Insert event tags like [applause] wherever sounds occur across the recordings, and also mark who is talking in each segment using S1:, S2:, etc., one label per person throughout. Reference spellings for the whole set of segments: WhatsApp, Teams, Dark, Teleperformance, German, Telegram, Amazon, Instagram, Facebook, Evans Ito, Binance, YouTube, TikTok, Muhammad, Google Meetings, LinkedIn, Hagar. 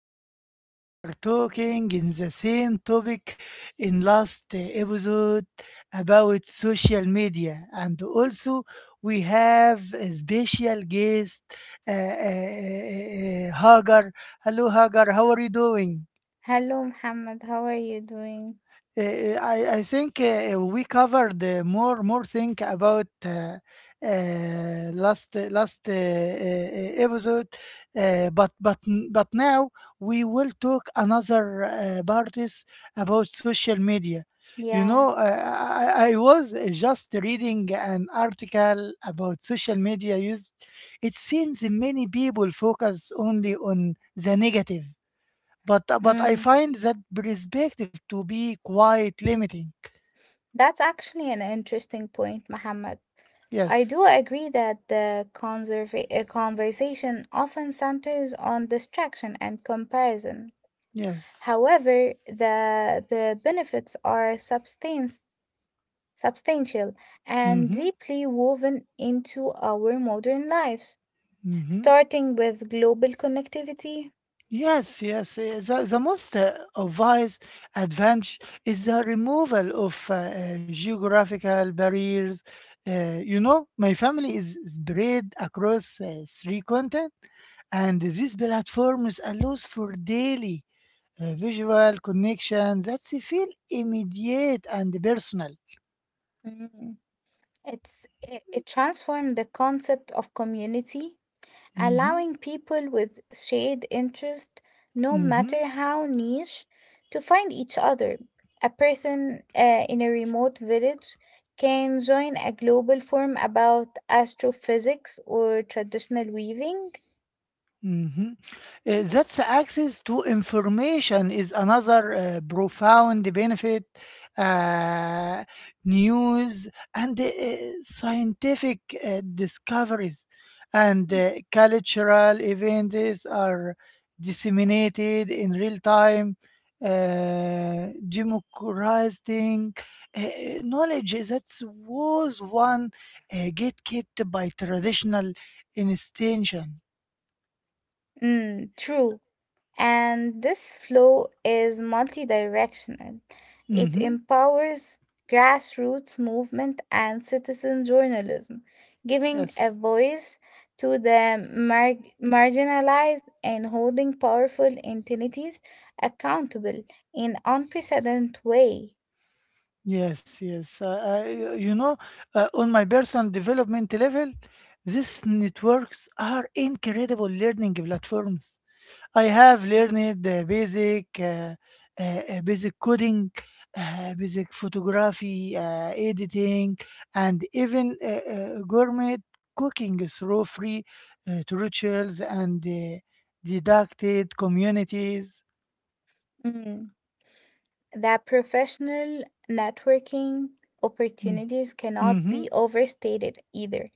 S1: Today we are talking in the same topic in last episode about social media, and also we have a special guest, Hagar. Hello Hagar, how are you doing?
S2: Hello, Muhammad. How are you doing?
S1: I think we covered more thing about last episode, but but now we will talk another parties about social media. You know,
S2: Yeah,
S1: I was just reading an article about social media use. It seems many people focus only on the negative, but I
S2: mm,
S1: find that perspective to be quite limiting.
S2: that's actually an interesting point, Muhammad. I
S1: Yes,
S2: do agree that the conversation often centers on distraction and comparison.
S1: yes.
S2: However, the benefits are substance substantial and
S1: Mm-hmm.
S2: deeply woven into our modern lives,
S1: Mm-hmm.
S2: starting with global connectivity.
S1: Yes, yes. The most obvious advantage is the removal of geographical barriers. You know, my family is spread across three continents, and these platforms allows for daily visual connection that they feel immediate and personal.
S2: Mm. It transformed the concept of community,
S1: Mm-hmm.
S2: allowing people with shared interest, no
S1: Mm-hmm.
S2: matter how niche, to find each other. A person in a remote village can join a global forum about astrophysics or traditional weaving.
S1: Mhm. That's access to information is another profound benefit. Uh, News and scientific discoveries and cultural events are disseminated in real time, democratizing uh, knowledge that was one gatekept by traditional institution.
S2: Mm, true. And this flow is multidirectional. It
S1: Mhm.
S2: empowers grassroots movement and citizen journalism, giving a
S1: Yes,
S2: voice to the marginalized and holding powerful entities accountable in unprecedented way.
S1: yes, yes. You know, on my personal development level, these networks are incredible learning platforms. I have
S2: Mm.
S1: learned basic coding, basic photography, editing, and even gourmet cooking through free tutorials and didacted communities.
S2: Mm. That professional networking
S1: Mm,
S2: opportunities cannot
S1: mm-hmm.
S2: be overstated either.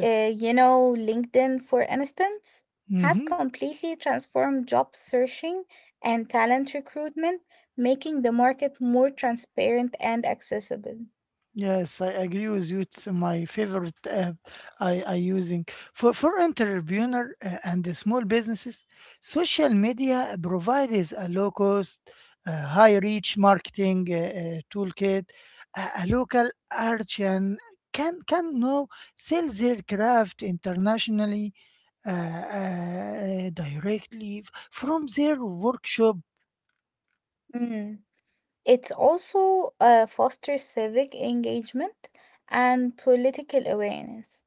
S2: LinkedIn, for instance, has
S1: Mm-hmm.
S2: completely transformed job searching and talent recruitment, making the market more transparent and accessible.
S1: Yes, I agree with you. It's my favorite app I using for entrepreneur and the small businesses. Social media provides a low cost, high reach marketing toolkit. A local artisan can now sell their craft internationally uh, directly from their workshop.
S2: Mm. It's also fosters civic engagement and political awareness.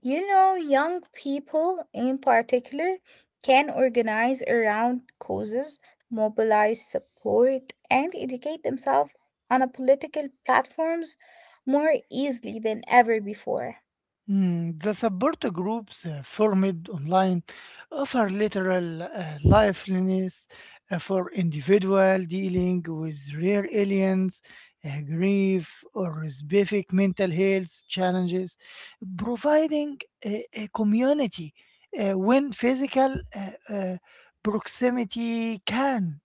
S2: Young people in particular can organize around causes, mobilize support, and educate themselves on a political platforms more easily than ever before.
S1: Mm, the support groups formed online offer literal lifelines for individual dealing with rare aliens, grief, or specific mental health challenges, providing a community when physical proximity can.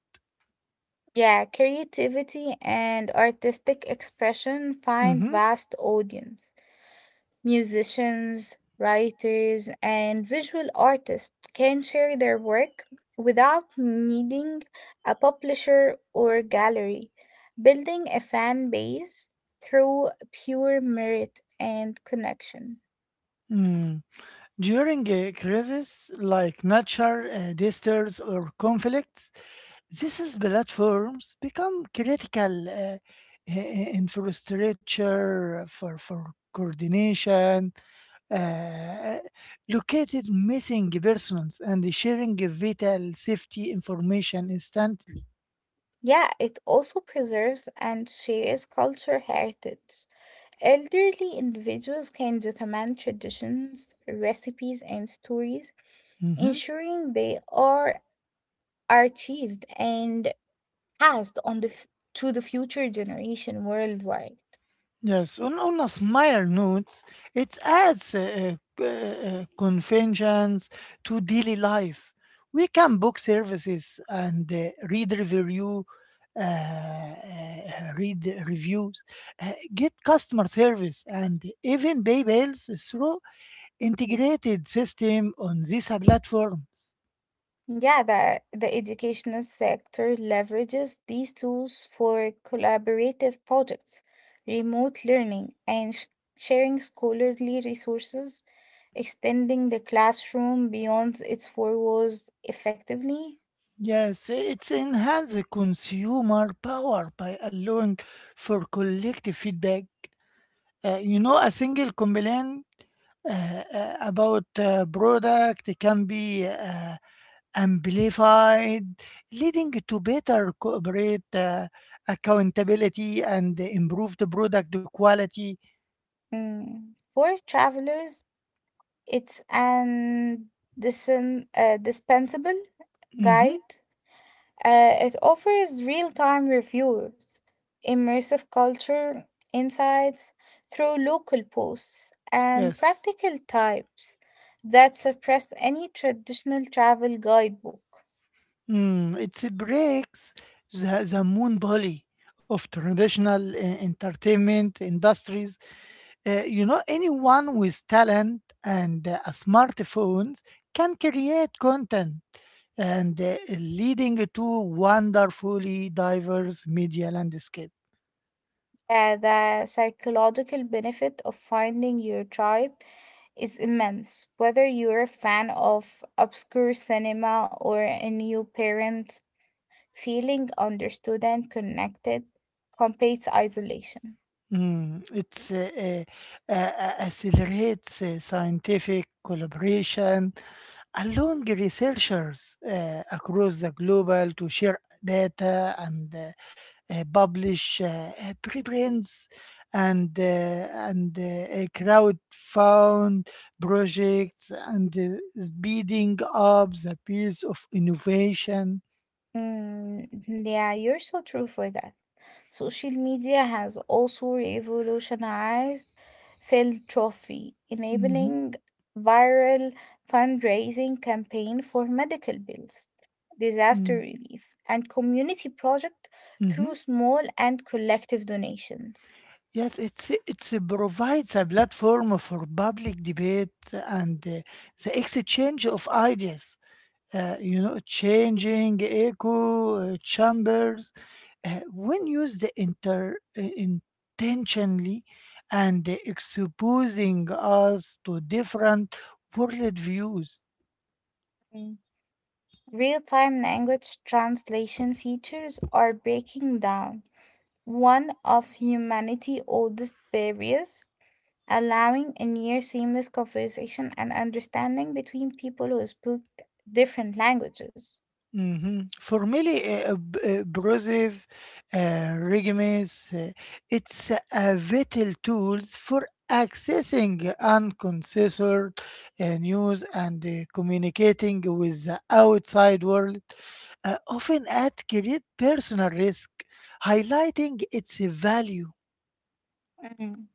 S2: Yeah, creativity and artistic expression find
S1: Mhm.
S2: vast audience. Musicians, writers, and visual artists can share their work without needing a publisher or gallery, building a fan base through pure merit and connection.
S1: Mm. During a crisis like natural disasters or conflicts, this is platforms become critical i- infrastructure for coordination, uh, located missing persons, and sharing vital safety information instantly.
S2: Yeah, it also preserves and shares culture heritage. Elderly individuals can document traditions, recipes, and stories,
S1: Mhm.
S2: ensuring they are archived and passed on to the future generation worldwide.
S1: Yes, on a smile note, it adds conventions to daily life. We can book services and read reviews, get customer service, and even pay bills through integrated system on these platforms.
S2: Yeah, the educational sector leverages these tools for collaborative projects, remote learning, and sharing scholarly resources, extending the classroom beyond its four walls effectively.
S1: Yes, it's enhance the consumer power by allowing for collective feedback. You know, a single complaint about a product can be amplified, leading to better corporate accountability and improved product quality.
S2: Mm. For travelers, it's an dispensable
S1: Hmm.
S2: guide. It offers real time reviews, immersive culture insights through local posts, and
S1: Yes.
S2: practical types that suppress any traditional travel guidebook.
S1: Mm, it breaks the moon of traditional entertainment industries. You know, anyone with talent and smartphones can create content and leading to wonderfully diverse media landscape.
S2: The psychological benefit of finding your tribe is immense, whether you're a fan of obscure cinema or a new parent. Feeling understood and connected competes isolation.
S1: Mm, it's accelerates scientific collaboration, allowing researchers across the global to share data and publish preprints and crowd found projects and speeding up the pace of innovation.
S2: Mm, yeah, you're so true for that. Social media has also revolutionized philanthropy,
S1: Mhm,
S2: enabling viral fundraising campaign for medical bills, disaster
S1: mm,
S2: relief, and community project
S1: mhm.
S2: through small and collective donations.
S1: Yes, it's provides a platform for public debate and the exchange of ideas. You know, changing echo chambers when used inter intentionally and exposing us to different worldviews.
S2: Mm. Real-time language translation features are breaking down one of humanity's oldest barriers, allowing a near seamless conversation and understanding between people who speak different languages.
S1: Mhm. Formally, Brosif regimes, it's a vital tools for accessing uncensored news and communicating with the outside world, often at great personal risk, highlighting its value.
S2: Mm.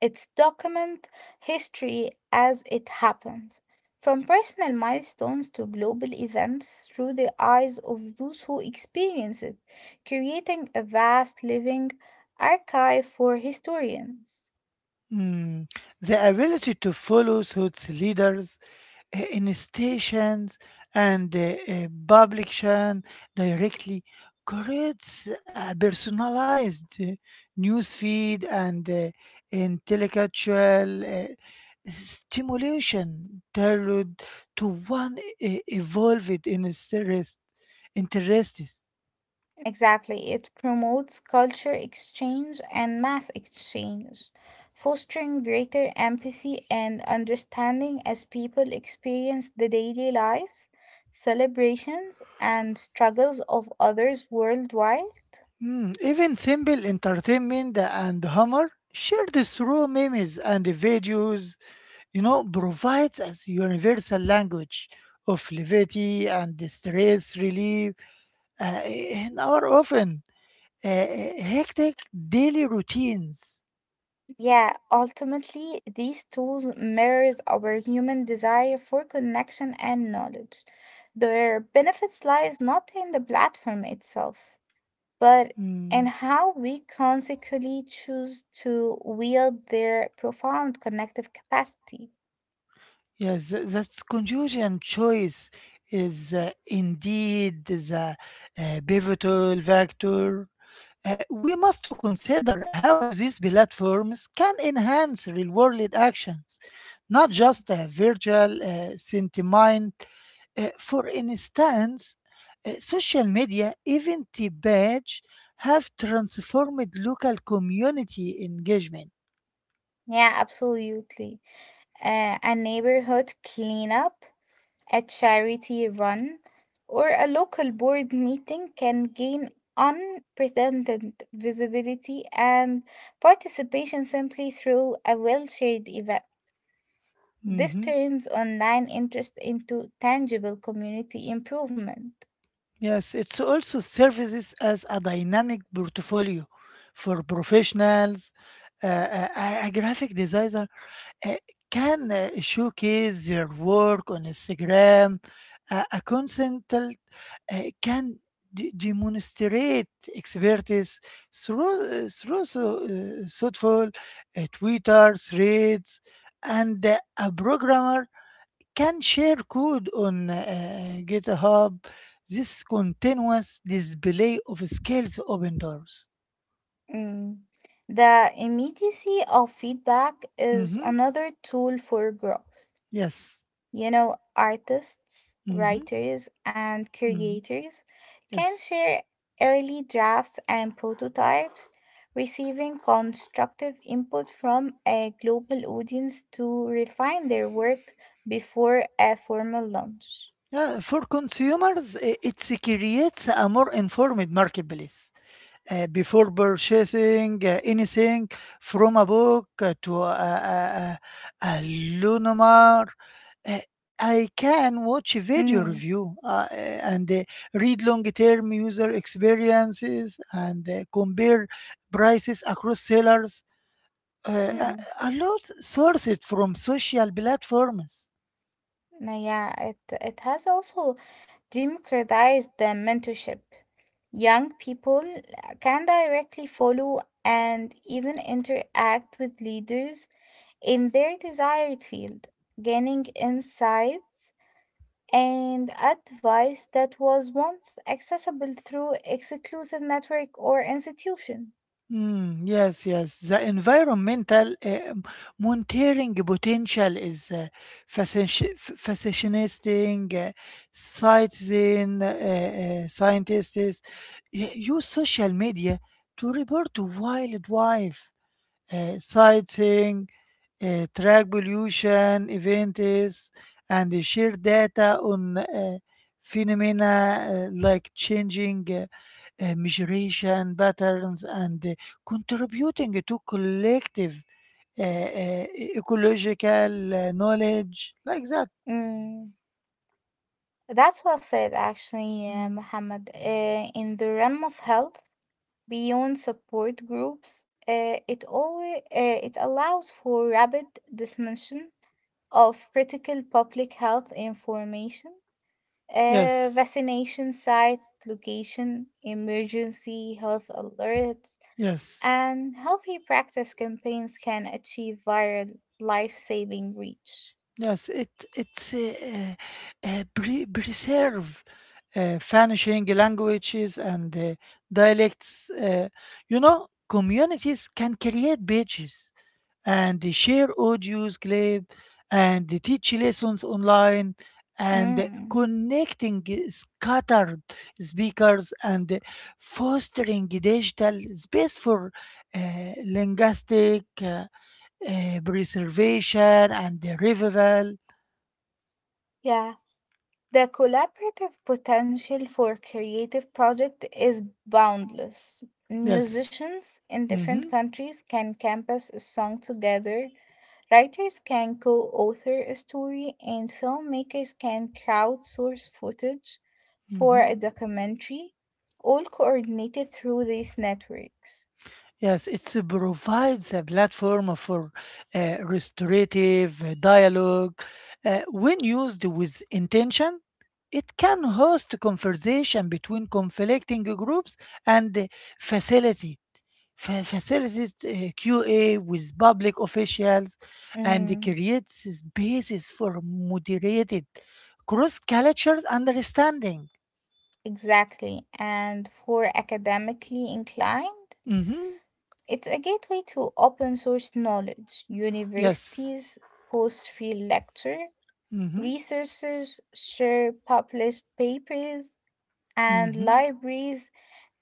S2: It's document history as it happens, from personal milestones to global events through the eyes of those who experience it, creating a vast living archive for historians.
S1: Mm. The ability to follow such leaders in stations and publication directly creates a personalized news feed and intellectual stimulation tailored to one evolved in interests.
S2: Exactly. It promotes culture exchange and mass exchange, fostering greater empathy and understanding as people experience the daily lives, celebrations, and struggles of others worldwide.
S1: Mm, even simple entertainment and humor shared through memes and videos, you know, provides a universal language of levity and stress relief in our often uh, hectic daily routines.
S2: Yeah, ultimately, these tools mirrors our human desire for connection and knowledge. Their benefits lies not in the platform itself, but
S1: Mm,
S2: and how we consequently choose to wield their profound connective capacity.
S1: yes, that's confusion choice is indeed the pivotal factor. We must consider how these platforms can enhance real world actions, not
S2: Mm.
S1: just a virtual sentiment. For instance, social media event badge have transformed local community engagement.
S2: Yeah, absolutely. A neighborhood cleanup, a charity run, or a local board meeting can gain unprecedented visibility and participation simply through a well shared event. This
S1: Mhm.
S2: turns online interest into tangible community improvement.
S1: Yes, it's also services as a dynamic portfolio for professionals, a graphic designer uh, can showcase their work on Instagram. A consultant can demonstrate expertise through thoughtful Twitter threads, and a programmer can share code on GitHub. This continuous display of skills open doors.
S2: Mm. The immediacy of feedback is
S1: Hmm.
S2: another tool for growth.
S1: Yes.
S2: Artists,
S1: Hmm.
S2: writers, and
S1: Hmm.
S2: creators can
S1: Yes.
S2: share early drafts and prototypes, receiving constructive input from a global audience to refine their work before a formal launch.
S1: Yeah, for consumers, it creates a more informed marketplace. Before purchasing anything from a book to a, a Lunomar, uh, I can watch video
S2: Mm.
S1: review and read long-term user experiences and compare prices across sellers. Uh, a
S2: Mm.
S1: a lot sourced from social platforms.
S2: Now, yeah, it has also democratized the mentorship. Young people can directly follow and even interact with leaders in their desired field, gaining insights and advice that was once accessible through exclusive network or institution.
S1: Mm, yes, yes. The environmental monitoring potential is fascinating. Citizen scientists use social media to report wildlife sightseeing, track pollution, events, and they share data on phenomena like changing migration patterns and contributing to collective uh, uh, ecological knowledge like that.
S2: Mm, that's well said, actually,
S1: Mm.
S2: Mohammed. In the realm of health, beyond support groups, it allows for rapid dissemination of critical public health information,
S1: Yes,
S2: vaccination site location, emergency health alerts,
S1: yes.
S2: and healthy practice campaigns can achieve viral life-saving reach.
S1: Yes, it preserve vanishing languages and dialects. You know, communities can create pages and they share audios, clip, and they teach lessons online and
S2: Mm,
S1: connecting scattered speakers and fostering digital space for linguistic preservation and revival.
S2: yeah. The collaborative potential for creative project is boundless.
S1: Yes.
S2: Musicians in
S1: Hmm.
S2: different countries can compose a song together, writers can co-author a story, and filmmakers can crowdsource footage for
S1: Hmm.
S2: a documentary, all coordinated through these networks.
S1: Yes, it provides a platform for restorative dialogue. When used with intention, it can host conversation between conflicting groups and facility facilitate QA with public officials and
S2: Mm,
S1: creates spaces for moderated cross cultures understanding.
S2: exactly. And for academically inclined,
S1: Hmm.
S2: it's a gateway to open source knowledge.
S1: Yes.
S2: Universities post free lecture,
S1: Hmm.
S2: researchers share published papers, and
S1: Hmm.
S2: libraries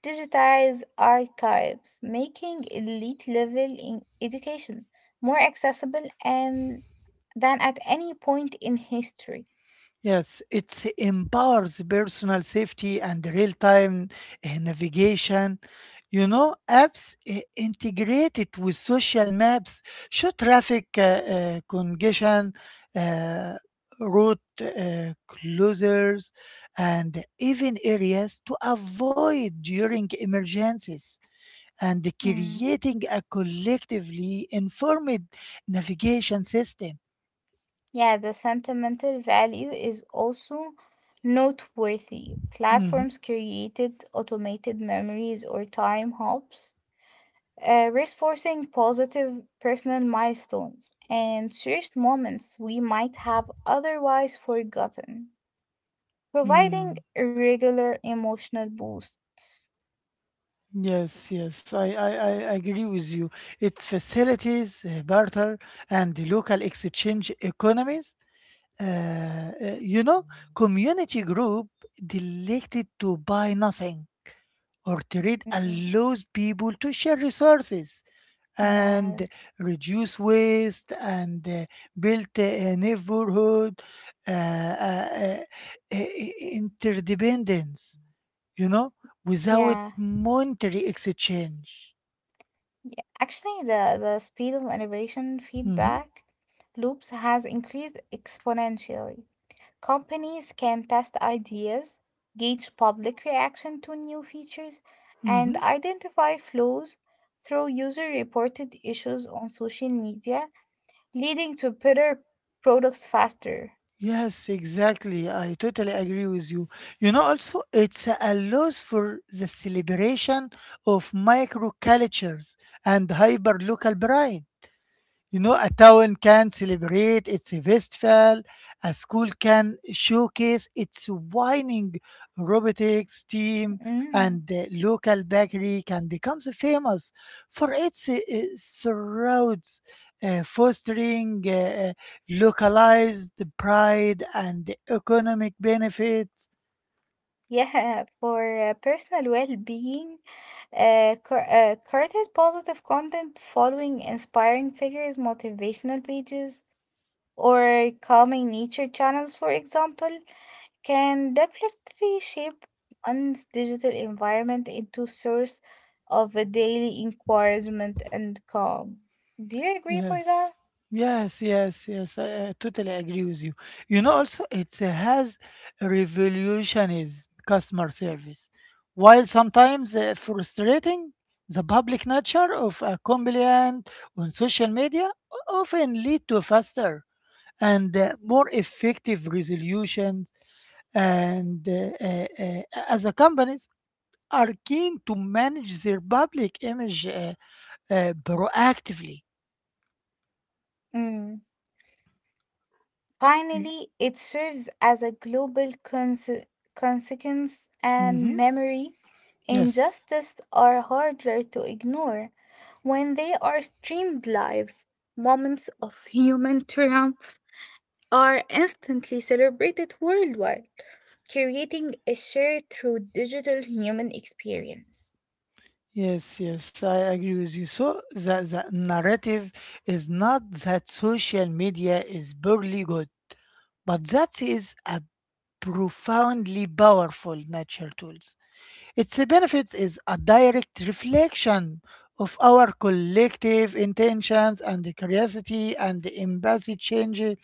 S2: digitize archives, making elite level in education more accessible and than at any point in history.
S1: Yes, it empowers personal safety and real-time navigation. You know, apps integrated with social maps show traffic congestion, uh, route closures, and even areas to avoid during emergencies. And creating a collectively informed navigation system.
S2: Yeah, the sentimental value is also noteworthy.
S1: Mhm.
S2: Platforms created automated memories or time hops, reinforcing positive personal milestones and cherished moments we might have otherwise forgotten, providing
S1: Mm.
S2: a regular emotional boosts.
S1: Yes, yes, I agree with you. Its facilities, barter, and the local exchange economies. Uh, you know, community group elected to buy nothing or trade
S2: Mm,
S1: allows people to share resources
S2: yeah,
S1: and reduce waste and build a neighborhood uh, uh, uh, uh, interdependence. You know, without
S2: yeah,
S1: monetary exchange.
S2: yeah. Actually, the speed of innovation
S1: Mm-hmm.
S2: feedback loops has increased exponentially. Companies can test ideas, gauge public reaction to new features, and
S1: Mm-hmm.
S2: identify flaws through user reported issues on social media, leading to better products faster.
S1: Yes, exactly. I totally agree with you. You know, also, it's a loss for the celebration of microcultures and hyper local pride. You know, a town can celebrate its festival, a school can showcase its winning robotics team,
S2: Mm,
S1: and the local bakery can become so famous for its surrounds, fostering localized pride and economic benefits.
S2: yeah, [laughs] for personal well being, curated positive content following inspiring figures, motivational pages, or calming nature channels, for example, can definitely shape one's digital environment into a source of a daily encouragement and calm. Do you agree for that?
S1: Yes. Yes, yes, yes. I totally agree with you. You know, also it has revolutionized customer service, while sometimes frustrating. The public nature of a complaint on social media often lead to faster and more effective resolutions. And As the companies are keen to manage their public image proactively.
S2: Mm. Finally, it serves as a global consequence and
S1: Mhm.
S2: memory.
S1: Yes,
S2: Injustice are harder to ignore when they are streamed live. Moments of human triumph are instantly celebrated worldwide, creating a shared through digital human experience.
S1: yes, yes, I agree with you. So the narrative is not that social media is barely good, but that is a profoundly powerful natural tools. Its benefits is a direct reflection of our collective intentions and the curiosity and the empathy changes.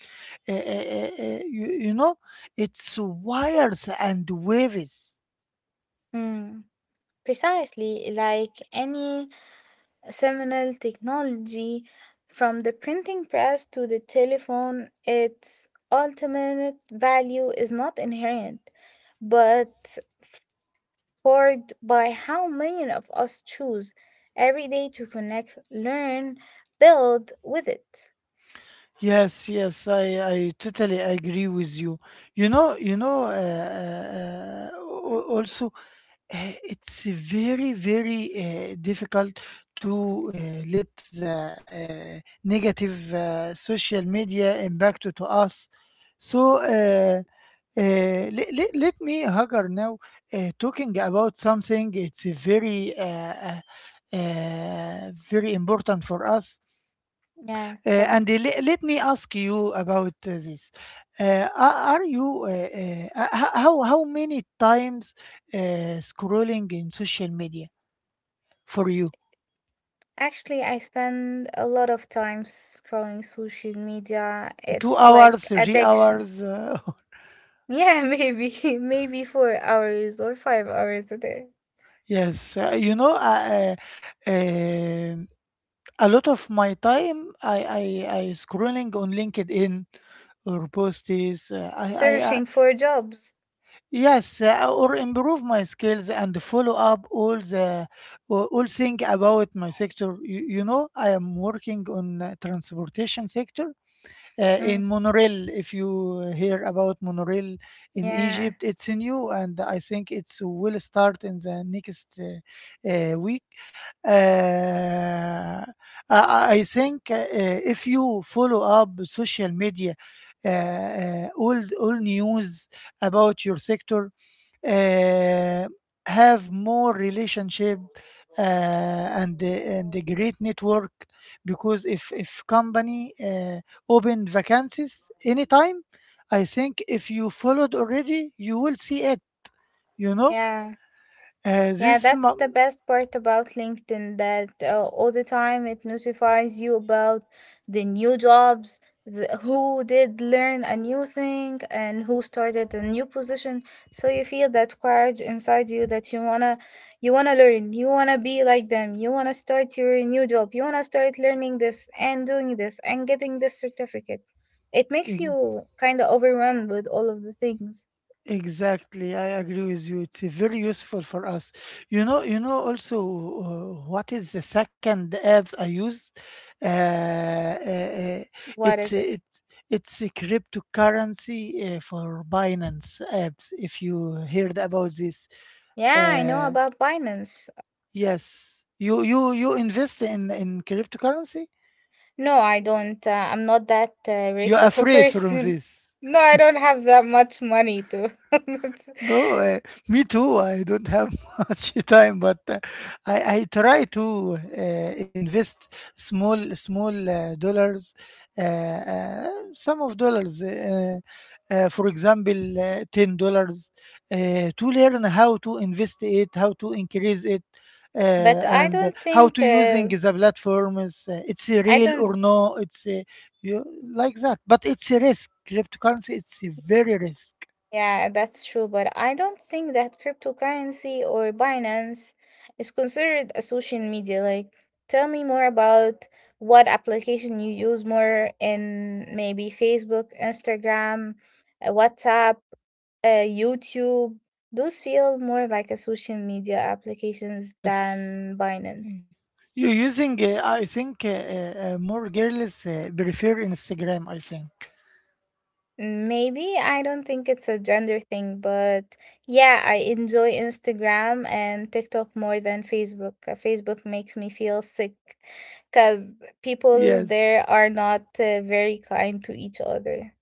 S1: Uh, uh, uh, you know, it's wires and waves.
S2: Mm, precisely, like any seminal technology, from the printing press to the telephone, its ultimate value is not inherent, but powered by how many of us choose every day to connect, learn, build with it.
S1: Yes, yes, I totally agree with you. You know, also, it's very, very difficult to let the negative social media impact to us. So, let me, Hagar, now talking about something. It's a very, very important for us.
S2: Yeah, tell me.
S1: And let me ask you about this. Are you how many times scrolling in social media for you?
S2: Actually, I spend a lot of time scrolling social media.
S1: Two
S2: It's like
S1: hours, three
S2: addiction.
S1: hours.
S2: Yeah, [laughs] maybe 4 hours or 5 hours a day
S1: [laughs] Yes, you know, uh, um, a lot of my time I scrolling on LinkedIn or posts. I
S2: searching for jobs.
S1: Yes, or improve my skills and follow up all the all thing about my sector. You know, I am working on transportation sector
S2: Mm,
S1: in monorail. If you hear about monorail in
S2: yeah,
S1: Egypt, it's new and I think it's will start in the next week. Uh, I, I think if you follow up social media, all news about your sector uh, have more relationship and a great network, because if company open vacancies anytime, I think if you followed already you will see it, you know.
S2: yeah.
S1: uh,
S2: Yeah,
S1: this
S2: that's the
S1: m-
S2: best part about LinkedIn that all the time it notifies you about the new jobs, who did learn a new thing, and who started a new position. So you feel that courage inside you that you wanna learn, you wanna be like them, you wanna start your new job, you wanna start learning this and doing this and getting this certificate. It makes you kind of overwhelmed with all of the things.
S1: Exactly, I agree with you. It's very useful for us. You know, you know. Also, what is the second apps I use? Uh, uh, uh,
S2: What
S1: it's
S2: is it?
S1: it's it's a cryptocurrency for Binance apps. If you heard about this,
S2: Yeah, I know
S1: uh,
S2: about Binance.
S1: yes, you invest in cryptocurrency.
S2: No, I don't. I'm not that
S1: You're
S2: rich of a
S1: afraid from
S2: person. [laughs]
S1: this.
S2: No, I don't have that much money to. [laughs]
S1: No, me too. I don't have [laughs] much time, but I try to invest small dollars, uh, uh, some of dollars. For example, $10 to learn how to invest it, how to increase it,
S2: But I
S1: and
S2: don't
S1: how
S2: think,
S1: to using the platforms. It's a
S2: I
S1: real
S2: don't.
S1: or no? It's a, you like that, but it's a risk. Cryptocurrency, it's a very risk.
S2: Yeah, that's true, but I don't think that cryptocurrency or Binance is considered a social media. Like, tell me more about what application you use more in maybe Facebook, Instagram, WhatsApp, YouTube. Those feel more like a social media applications
S1: Yes.
S2: than Binance.
S1: Mm. You using, I think, more girls prefer Instagram, I think.
S2: Maybe I don't think it's a gender thing, but yeah, I enjoy Instagram and TikTok more than Facebook. Facebook makes me feel sick because people there
S1: Yes.
S2: are not very kind to each other.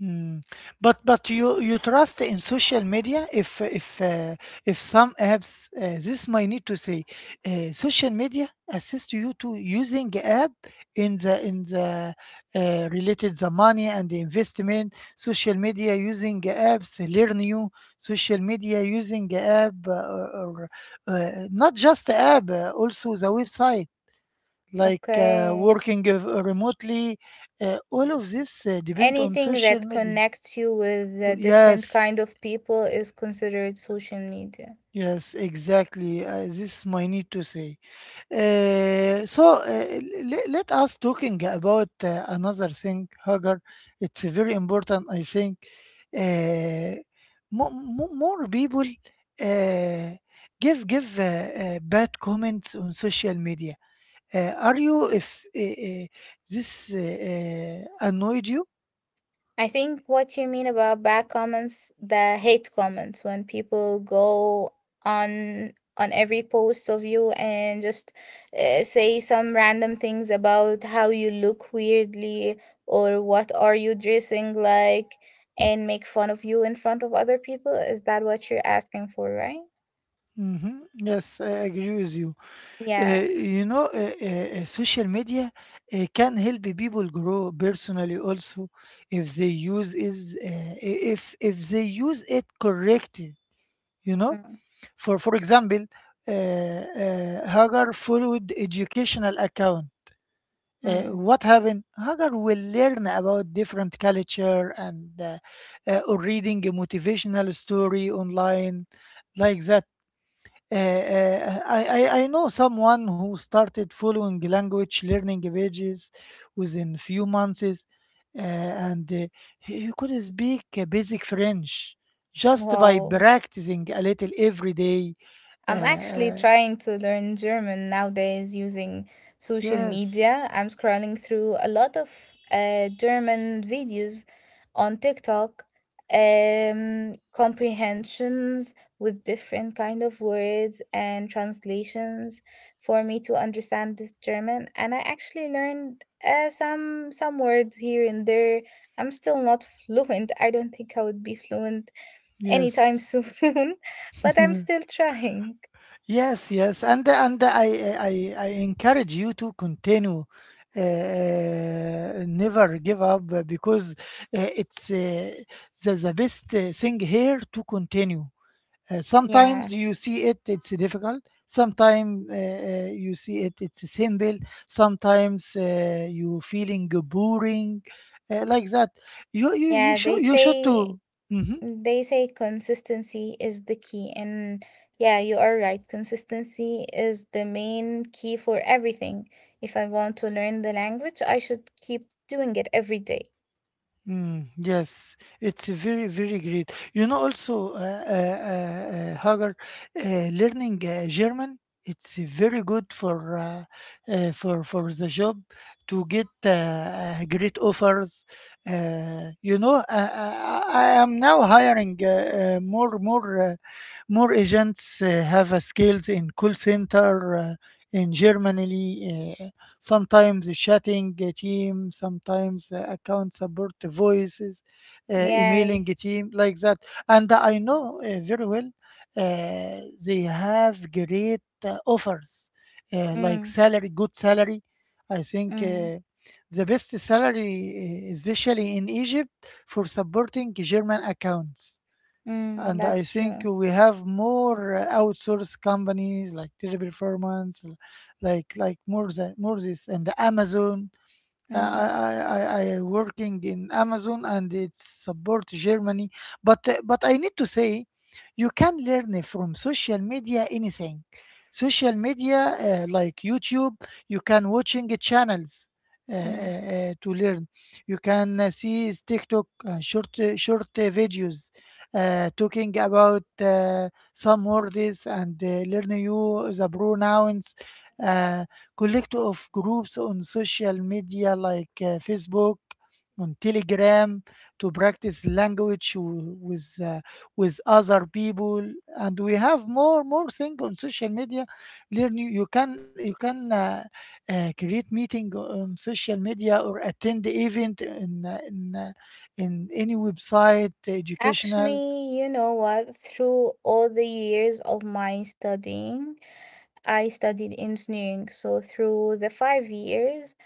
S1: Hmm. But you trust in social media if if some apps this might need to say social media assist you to using app in the related the money and the investment social media using apps learn you social media using app or, not just the app also the website like
S2: Okay.
S1: working remotely all of this depend on
S2: Anything
S1: social
S2: that
S1: media.
S2: connects you with a different
S1: Yes,
S2: kind of people is considered social media.
S1: yes, exactly. This is my need to say. So let us talking about another thing, Hagar. It's very important, I think. Uh, more people uh, give bad comments on social media. Are you if this annoyed you?
S2: I think what you mean about bad comments, the hate comments, when people go on every post of you and just say some random things about how you look weirdly or what are you dressing like and make fun of you in front of other people. Is that what you're asking for, right?
S1: Yes, I agree with you.
S2: Yeah.
S1: You know, social media can help people grow personally also if they if they use it correctly. You know,
S2: Mm,
S1: for example, Hagar followed educational account.
S2: mm.
S1: What happened? Hagar will learn about different culture and or reading a motivational story online like that I know someone who started following language learning pages within few months, and he could speak basic French just by
S2: Wow.
S1: practicing a little every day. Uh,
S2: I'm actually
S1: uh,
S2: trying to learn German nowadays using social
S1: yes,
S2: media. I'm scrolling through a lot of German videos on TikTok, comprehensions with different kind of words and translations for me to understand this German. And I actually learned some words here and there. I'm still not [laughs] fluent. I don't think I would be fluent anytime [laughs]
S1: yes.
S2: soon, but I'm still trying.
S1: Yes, yes, and I I encourage you to continue. Never give up because it's the best thing here to continue.
S2: Yeah.
S1: Sometimes you see it, it's difficult. Sometimes you see it, it's simple. Sometimes you feeling boring, like that. You
S2: Yeah, they
S1: should you should
S2: say
S1: too.
S2: they say consistency is the key, and yeah, you are right. Consistency is the main key for everything. If I want to learn the language, I should keep doing it every day.
S1: Mm, yes, it's a very, very great. You know, also, Hagar, learning German, it's very good for for for the job to get great offers. You know, I am now hiring more more agents have a skills in call center in Germany, sometimes chatting a team, sometimes account support voices,
S2: Yeah.
S1: emailing a team, like that. And I know very well they have great offers, like
S2: Mm,
S1: salary, good salary. I think
S2: mm,
S1: the best salary, especially in Egypt, for supporting German accounts.
S2: mm,
S1: And I
S2: that's
S1: think
S2: true.
S1: we have more outsourced companies like Teleperformance, like more than more this and Amazon.
S2: Mm,
S1: I working in Amazon and it support Germany. But I need to say, you can learn from social media anything. Social media like YouTube, you can watching channels
S2: mm.
S1: to learn. You can see is TikTok short videos talking about some words and learn you the pronouns. Uh, Collect of groups on social media like Facebook, on Telegram to practice language with other people, and we have more thing on social media. Learn you, you can create meeting on social media or attend event in any website educational
S2: Actually, you know what? Through all the years of my studying, I studied engineering. So through the 5 years,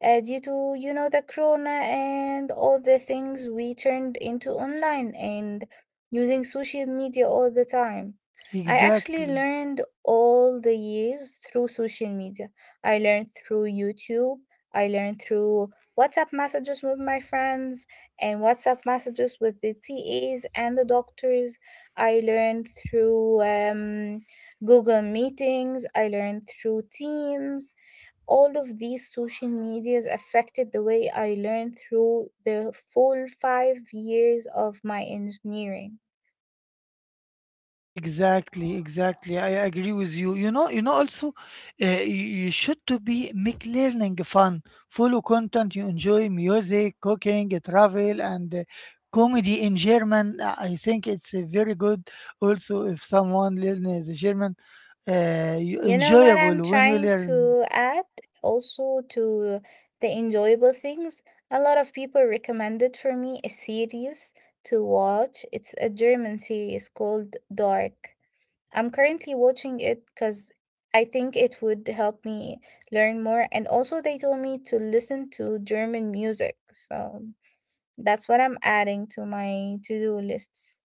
S2: due to the corona and all the things, we turned into online and using social media all the time. I actually
S1: exactly.
S2: learned all the years through social media. I learned through YouTube. I learned through WhatsApp messages with my friends and WhatsApp messages with the TAs and the doctors. I learned through Google meetings. I learned through Teams. All of these social medias affected the way I learned through the full 5 years of my engineering.
S1: Exactly, exactly. I agree with you. You know, you know. Also, you you should to be make learning fun. Follow content. You enjoy music, cooking, travel, and comedy in German. I think it's very good. Also, if someone learns German, you
S2: You know what
S1: enjoyable
S2: I'm
S1: when you
S2: trying
S1: learn.
S2: to add also to the enjoyable things? A lot of people recommended for me a series to watch. It's a German series called Dark. I'm currently watching it because I think it would help me learn more. And also, they told me to listen to German music. So that's what I'm adding to my to-do lists.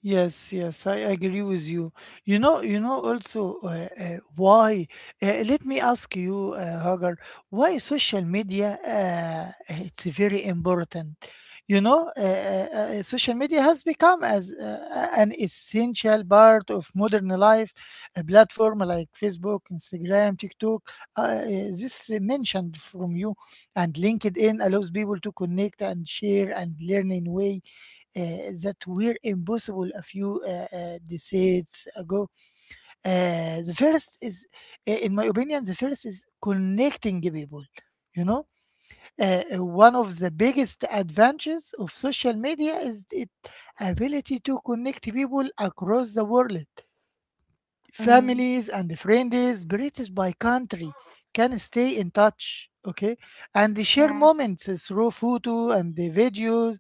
S1: Yes, yes, I agree with you. You know also why. Let me ask you, Hagar, why social media? It's very important. You know, social media has become as an essential part of modern life. A platform like Facebook, Instagram, TikTok, this mentioned from you, and LinkedIn allows people to connect and share and learn in way uh, that were impossible a few decades ago. The first is, in my opinion, the first is connecting people. You know, one of the biggest advantages of social media is its ability to connect people across the world.
S2: Mm,
S1: Families and friends, British by country, can stay in touch, okay, and they share
S2: yeah.
S1: moments through photo and the videos,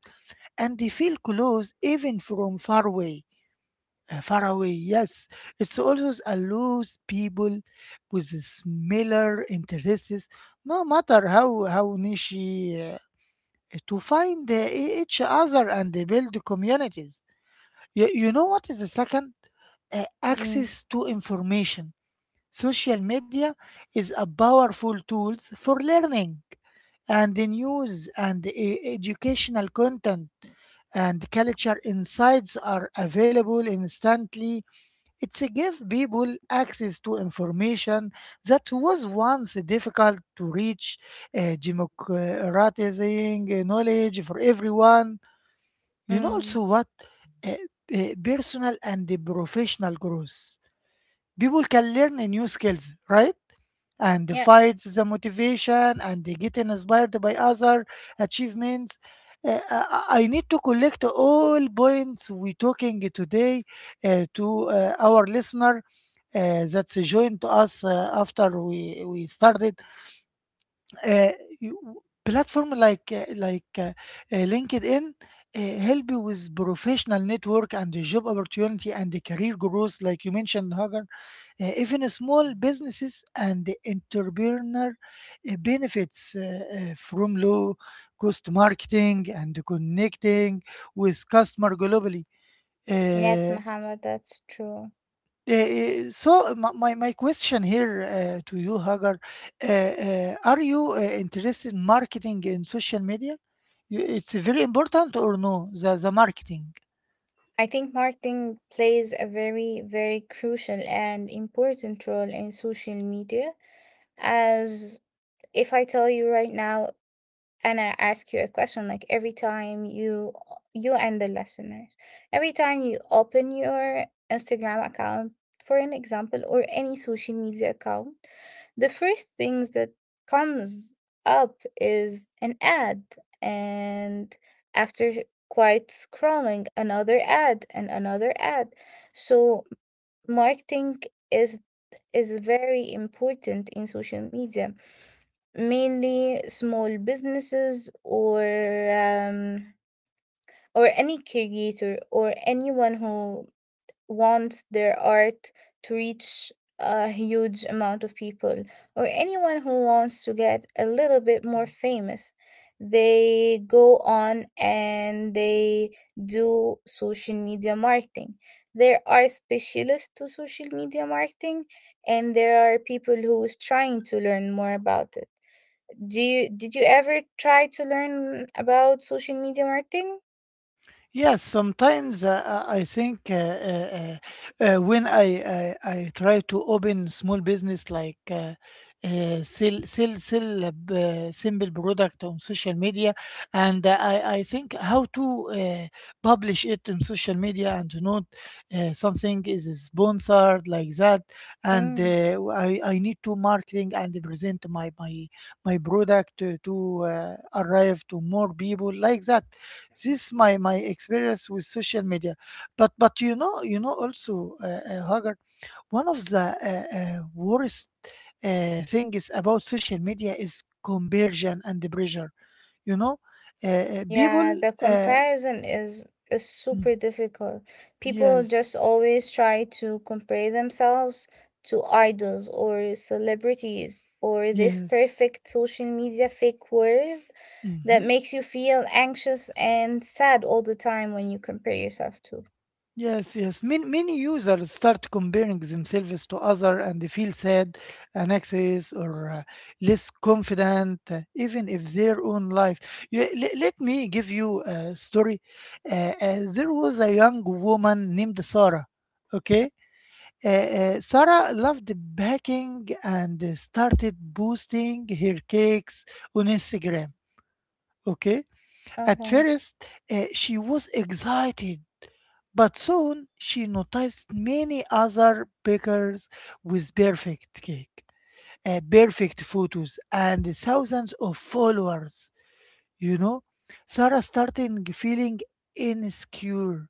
S1: and they feel close even from far away. Far away, yes. It also allows people with similar interests, no matter how niche, to find each other and build communities. You know what is the second?
S2: Mm,
S1: Access to information. Social media is a powerful tools for learning and the news and educational content and culture insights are available instantly. It's a give people access to information that was once difficult to reach, democratizing knowledge for everyone. You know
S2: mm.
S1: also what? Uh, personal and the professional growth. People can learn new skills, right? And
S2: Yeah.
S1: fights the motivation and they get inspired by other achievements. I need to collect all points we talking today to our listener that's joined us after we started uh, platform like LinkedIn help you with professional network and the job opportunity and the career growth, like you mentioned, Hagar. Even small businesses and the entrepreneur benefits from low cost marketing and connecting with customer globally.
S2: Yes,
S1: Uh,
S2: Muhammad, that's true.
S1: so my, my question here to you, Hagar, are you interested in marketing in social media? You, it's very important or no, the marketing?
S2: I think marketing plays a very, very crucial and important role in social media. As if I tell you right now, and I ask you a question, like, every time you and the listeners, every time you open your Instagram account for an example or any social media account, the first things that comes up is an ad. And after quite scrolling, another ad, and another ad. So marketing is is very important in social media. Mainly small businesses or any creator or anyone who wants their art to reach a huge amount of people or anyone who wants to get a little bit more famous. They go on and they do social media marketing. There are specialists to social media marketing and there are people who is trying to learn more about it. Do you Did you ever try to learn about social media marketing?
S1: Yes, sometimes I think when I try to open small business like sell a simple product on social media, and I think how to publish it on social media and not something is sponsored like that, and
S2: Mm,
S1: I need to marketing and present my product to arrive to more people like that. This my experience with social media, but you know also Hagar, one of the worst things about social media is conversion and the pressure. You know,
S2: yeah,
S1: people.
S2: the comparison is
S1: Mm,
S2: super difficult. People
S1: yes,
S2: just always try to compare themselves to idols or celebrities or this
S1: yes.
S2: perfect social media fake world that
S1: hmm
S2: makes you feel anxious and sad all the time when you compare yourself to.
S1: Yes, yes. Many, many users start comparing themselves to other and they feel sad, anxious, or less confident, even if their own life. Yeah, let me give you a story. There was a young woman named Sarah. Okay, Sarah loved baking and started posting her cakes on Instagram. Okay, at
S2: Okay.
S1: first she was excited, but soon she noticed many other bakers with perfect cake, perfect photos, and thousands of followers. You know, Sarah started feeling insecure,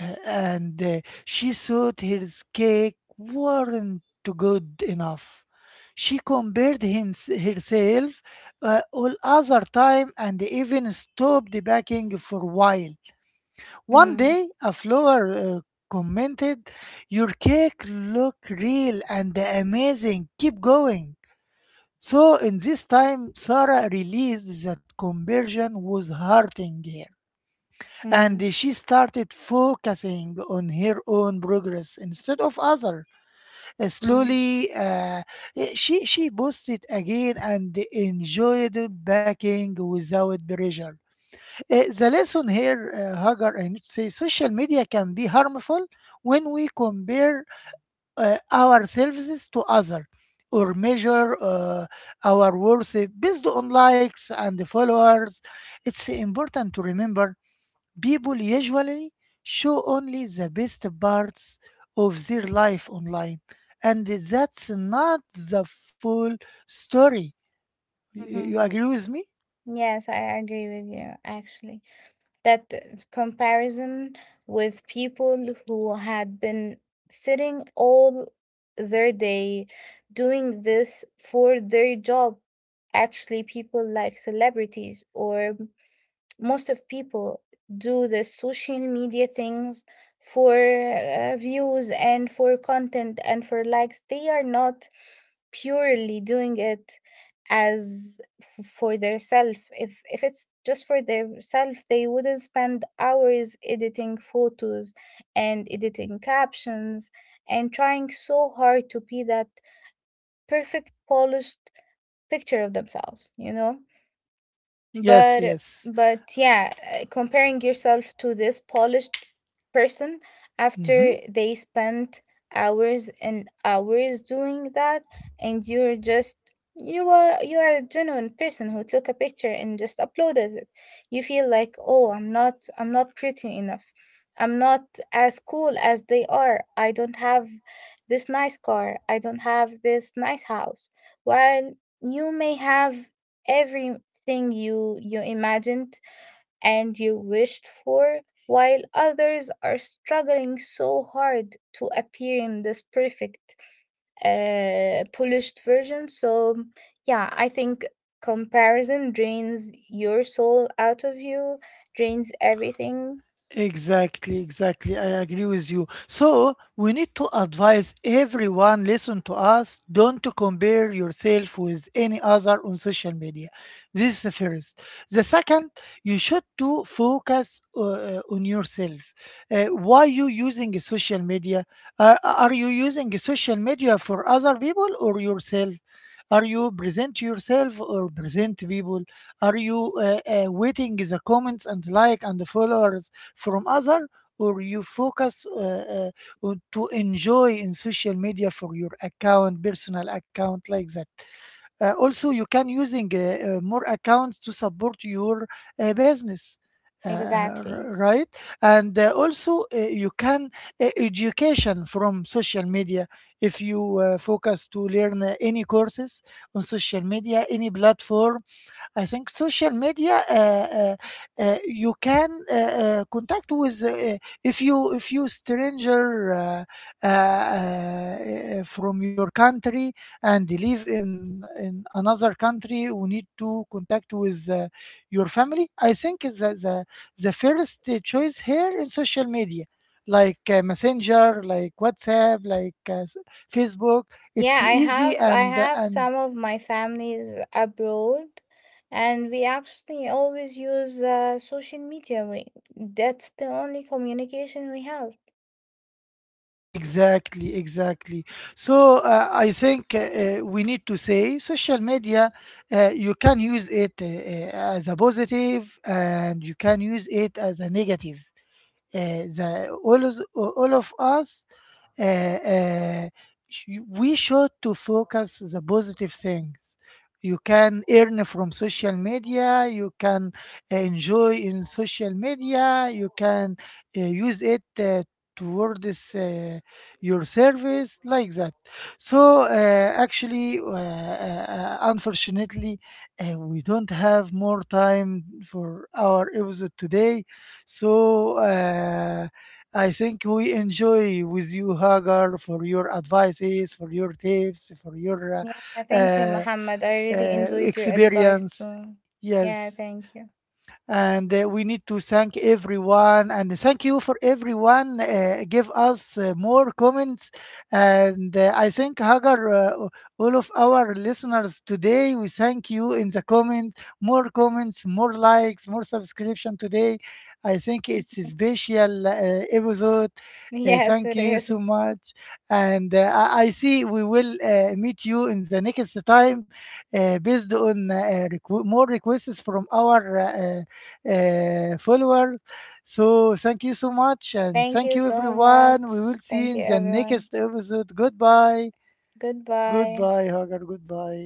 S1: and she thought her cake weren't good enough. She compared him, herself all other time and even stopped baking for a while. One
S2: Mm,
S1: day, a flower commented, "Your cake look real and amazing. Keep going." So in this time, Sarah realized that conversion was hurting her, and
S2: mm,
S1: she started focusing on her own progress instead of other.
S2: mm,
S1: Slowly, she posted again and enjoyed baking without pressure. The lesson here, Hagar, I need to say, social media can be harmful when we compare our to other or measure our worth based on likes and followers. It's important to remember people usually show only the best parts of their life online, and that's not the full story.
S2: mm-hmm.
S1: You agree with me?
S2: Yes, I agree with you actually. That comparison with people who had been sitting all their day doing this for their job, actually people like celebrities or most of people do the social media things for views and for content and for likes, they are not purely doing it as for their self. If it's just for their self, they wouldn't spend hours editing photos and editing captions and trying so hard to be that perfect polished picture of themselves,
S1: Yes,
S2: but
S1: yes.
S2: but yeah, comparing yourself to this polished person after
S1: Mhm.
S2: they spent hours and hours doing that, and you are a genuine person who took a picture and just uploaded it. You feel like, oh, I'm not pretty enough, I'm not as cool as they are, I don't have this nice car, I don't have this nice house, while you may have every thing you imagined and you wished for, while others are struggling so hard to appear in this perfect polished version. So yeah, I think comparison drains your soul out of you, drains everything.
S1: Exactly, exactly. I agree with you. So we need to advise everyone listen to us, don't to compare yourself with any other on social media. This is the first. The second, you should to focus on yourself. Why you using social media? Are you using social media for other people or yourself? Are you present yourself or present people? Are you waiting the comments and like and followers from other, or you focus on to enjoy in social media for your account personal account like that. Also you can using more accounts to support your business. uh,
S2: Exactly.
S1: right. And also you can education from social media if you focus to learn any courses on social media any platform. I think social media you can contact with if you stranger from your country and live in another country, you need to contact with your family. I think the first choice here in social media like messenger, like whatsapp, like facebook, it's
S2: Yeah, I
S1: easy
S2: have I have
S1: and
S2: some of my families abroad, and we actually always use social media. That's the only communication we have.
S1: Exactly, exactly. So I think we need to say social media, you can use it as a positive and you can use it as a negative. All of us uh, uh, we should to focus the positive things. You can earn from social media, you can enjoy in social media, you can use it toward uh, your service like that. So actually unfortunately we don't have more time for our episode today. So I think we enjoy with you, Hagar, for your advices, for your tips, for your
S2: Yeah, thank
S1: uh,
S2: you,
S1: uh,
S2: Mohammed. I really enjoyed your advice
S1: experience.
S2: too. Yeah,
S1: Yes.
S2: thank you.
S1: And we need to thank everyone, and thank you for everyone give us more comments. And I think hagar all of our listeners today we thank you in the comments, more comments, more likes, more subscription today. I think it's a
S2: [laughs]
S1: special episode.
S2: Yes,
S1: Thank
S2: it
S1: you so
S2: is.
S1: much. And I see we will meet you in the next time based on more requests from our uh, followers. So thank you so much, and
S2: Thank
S1: thank
S2: you
S1: you
S2: so
S1: everyone. We
S2: much.
S1: will see you
S2: Thank you,
S1: in the
S2: everyone.
S1: next episode. Goodbye,
S2: Goodbye.
S1: goodbye, Hagar. Goodbye.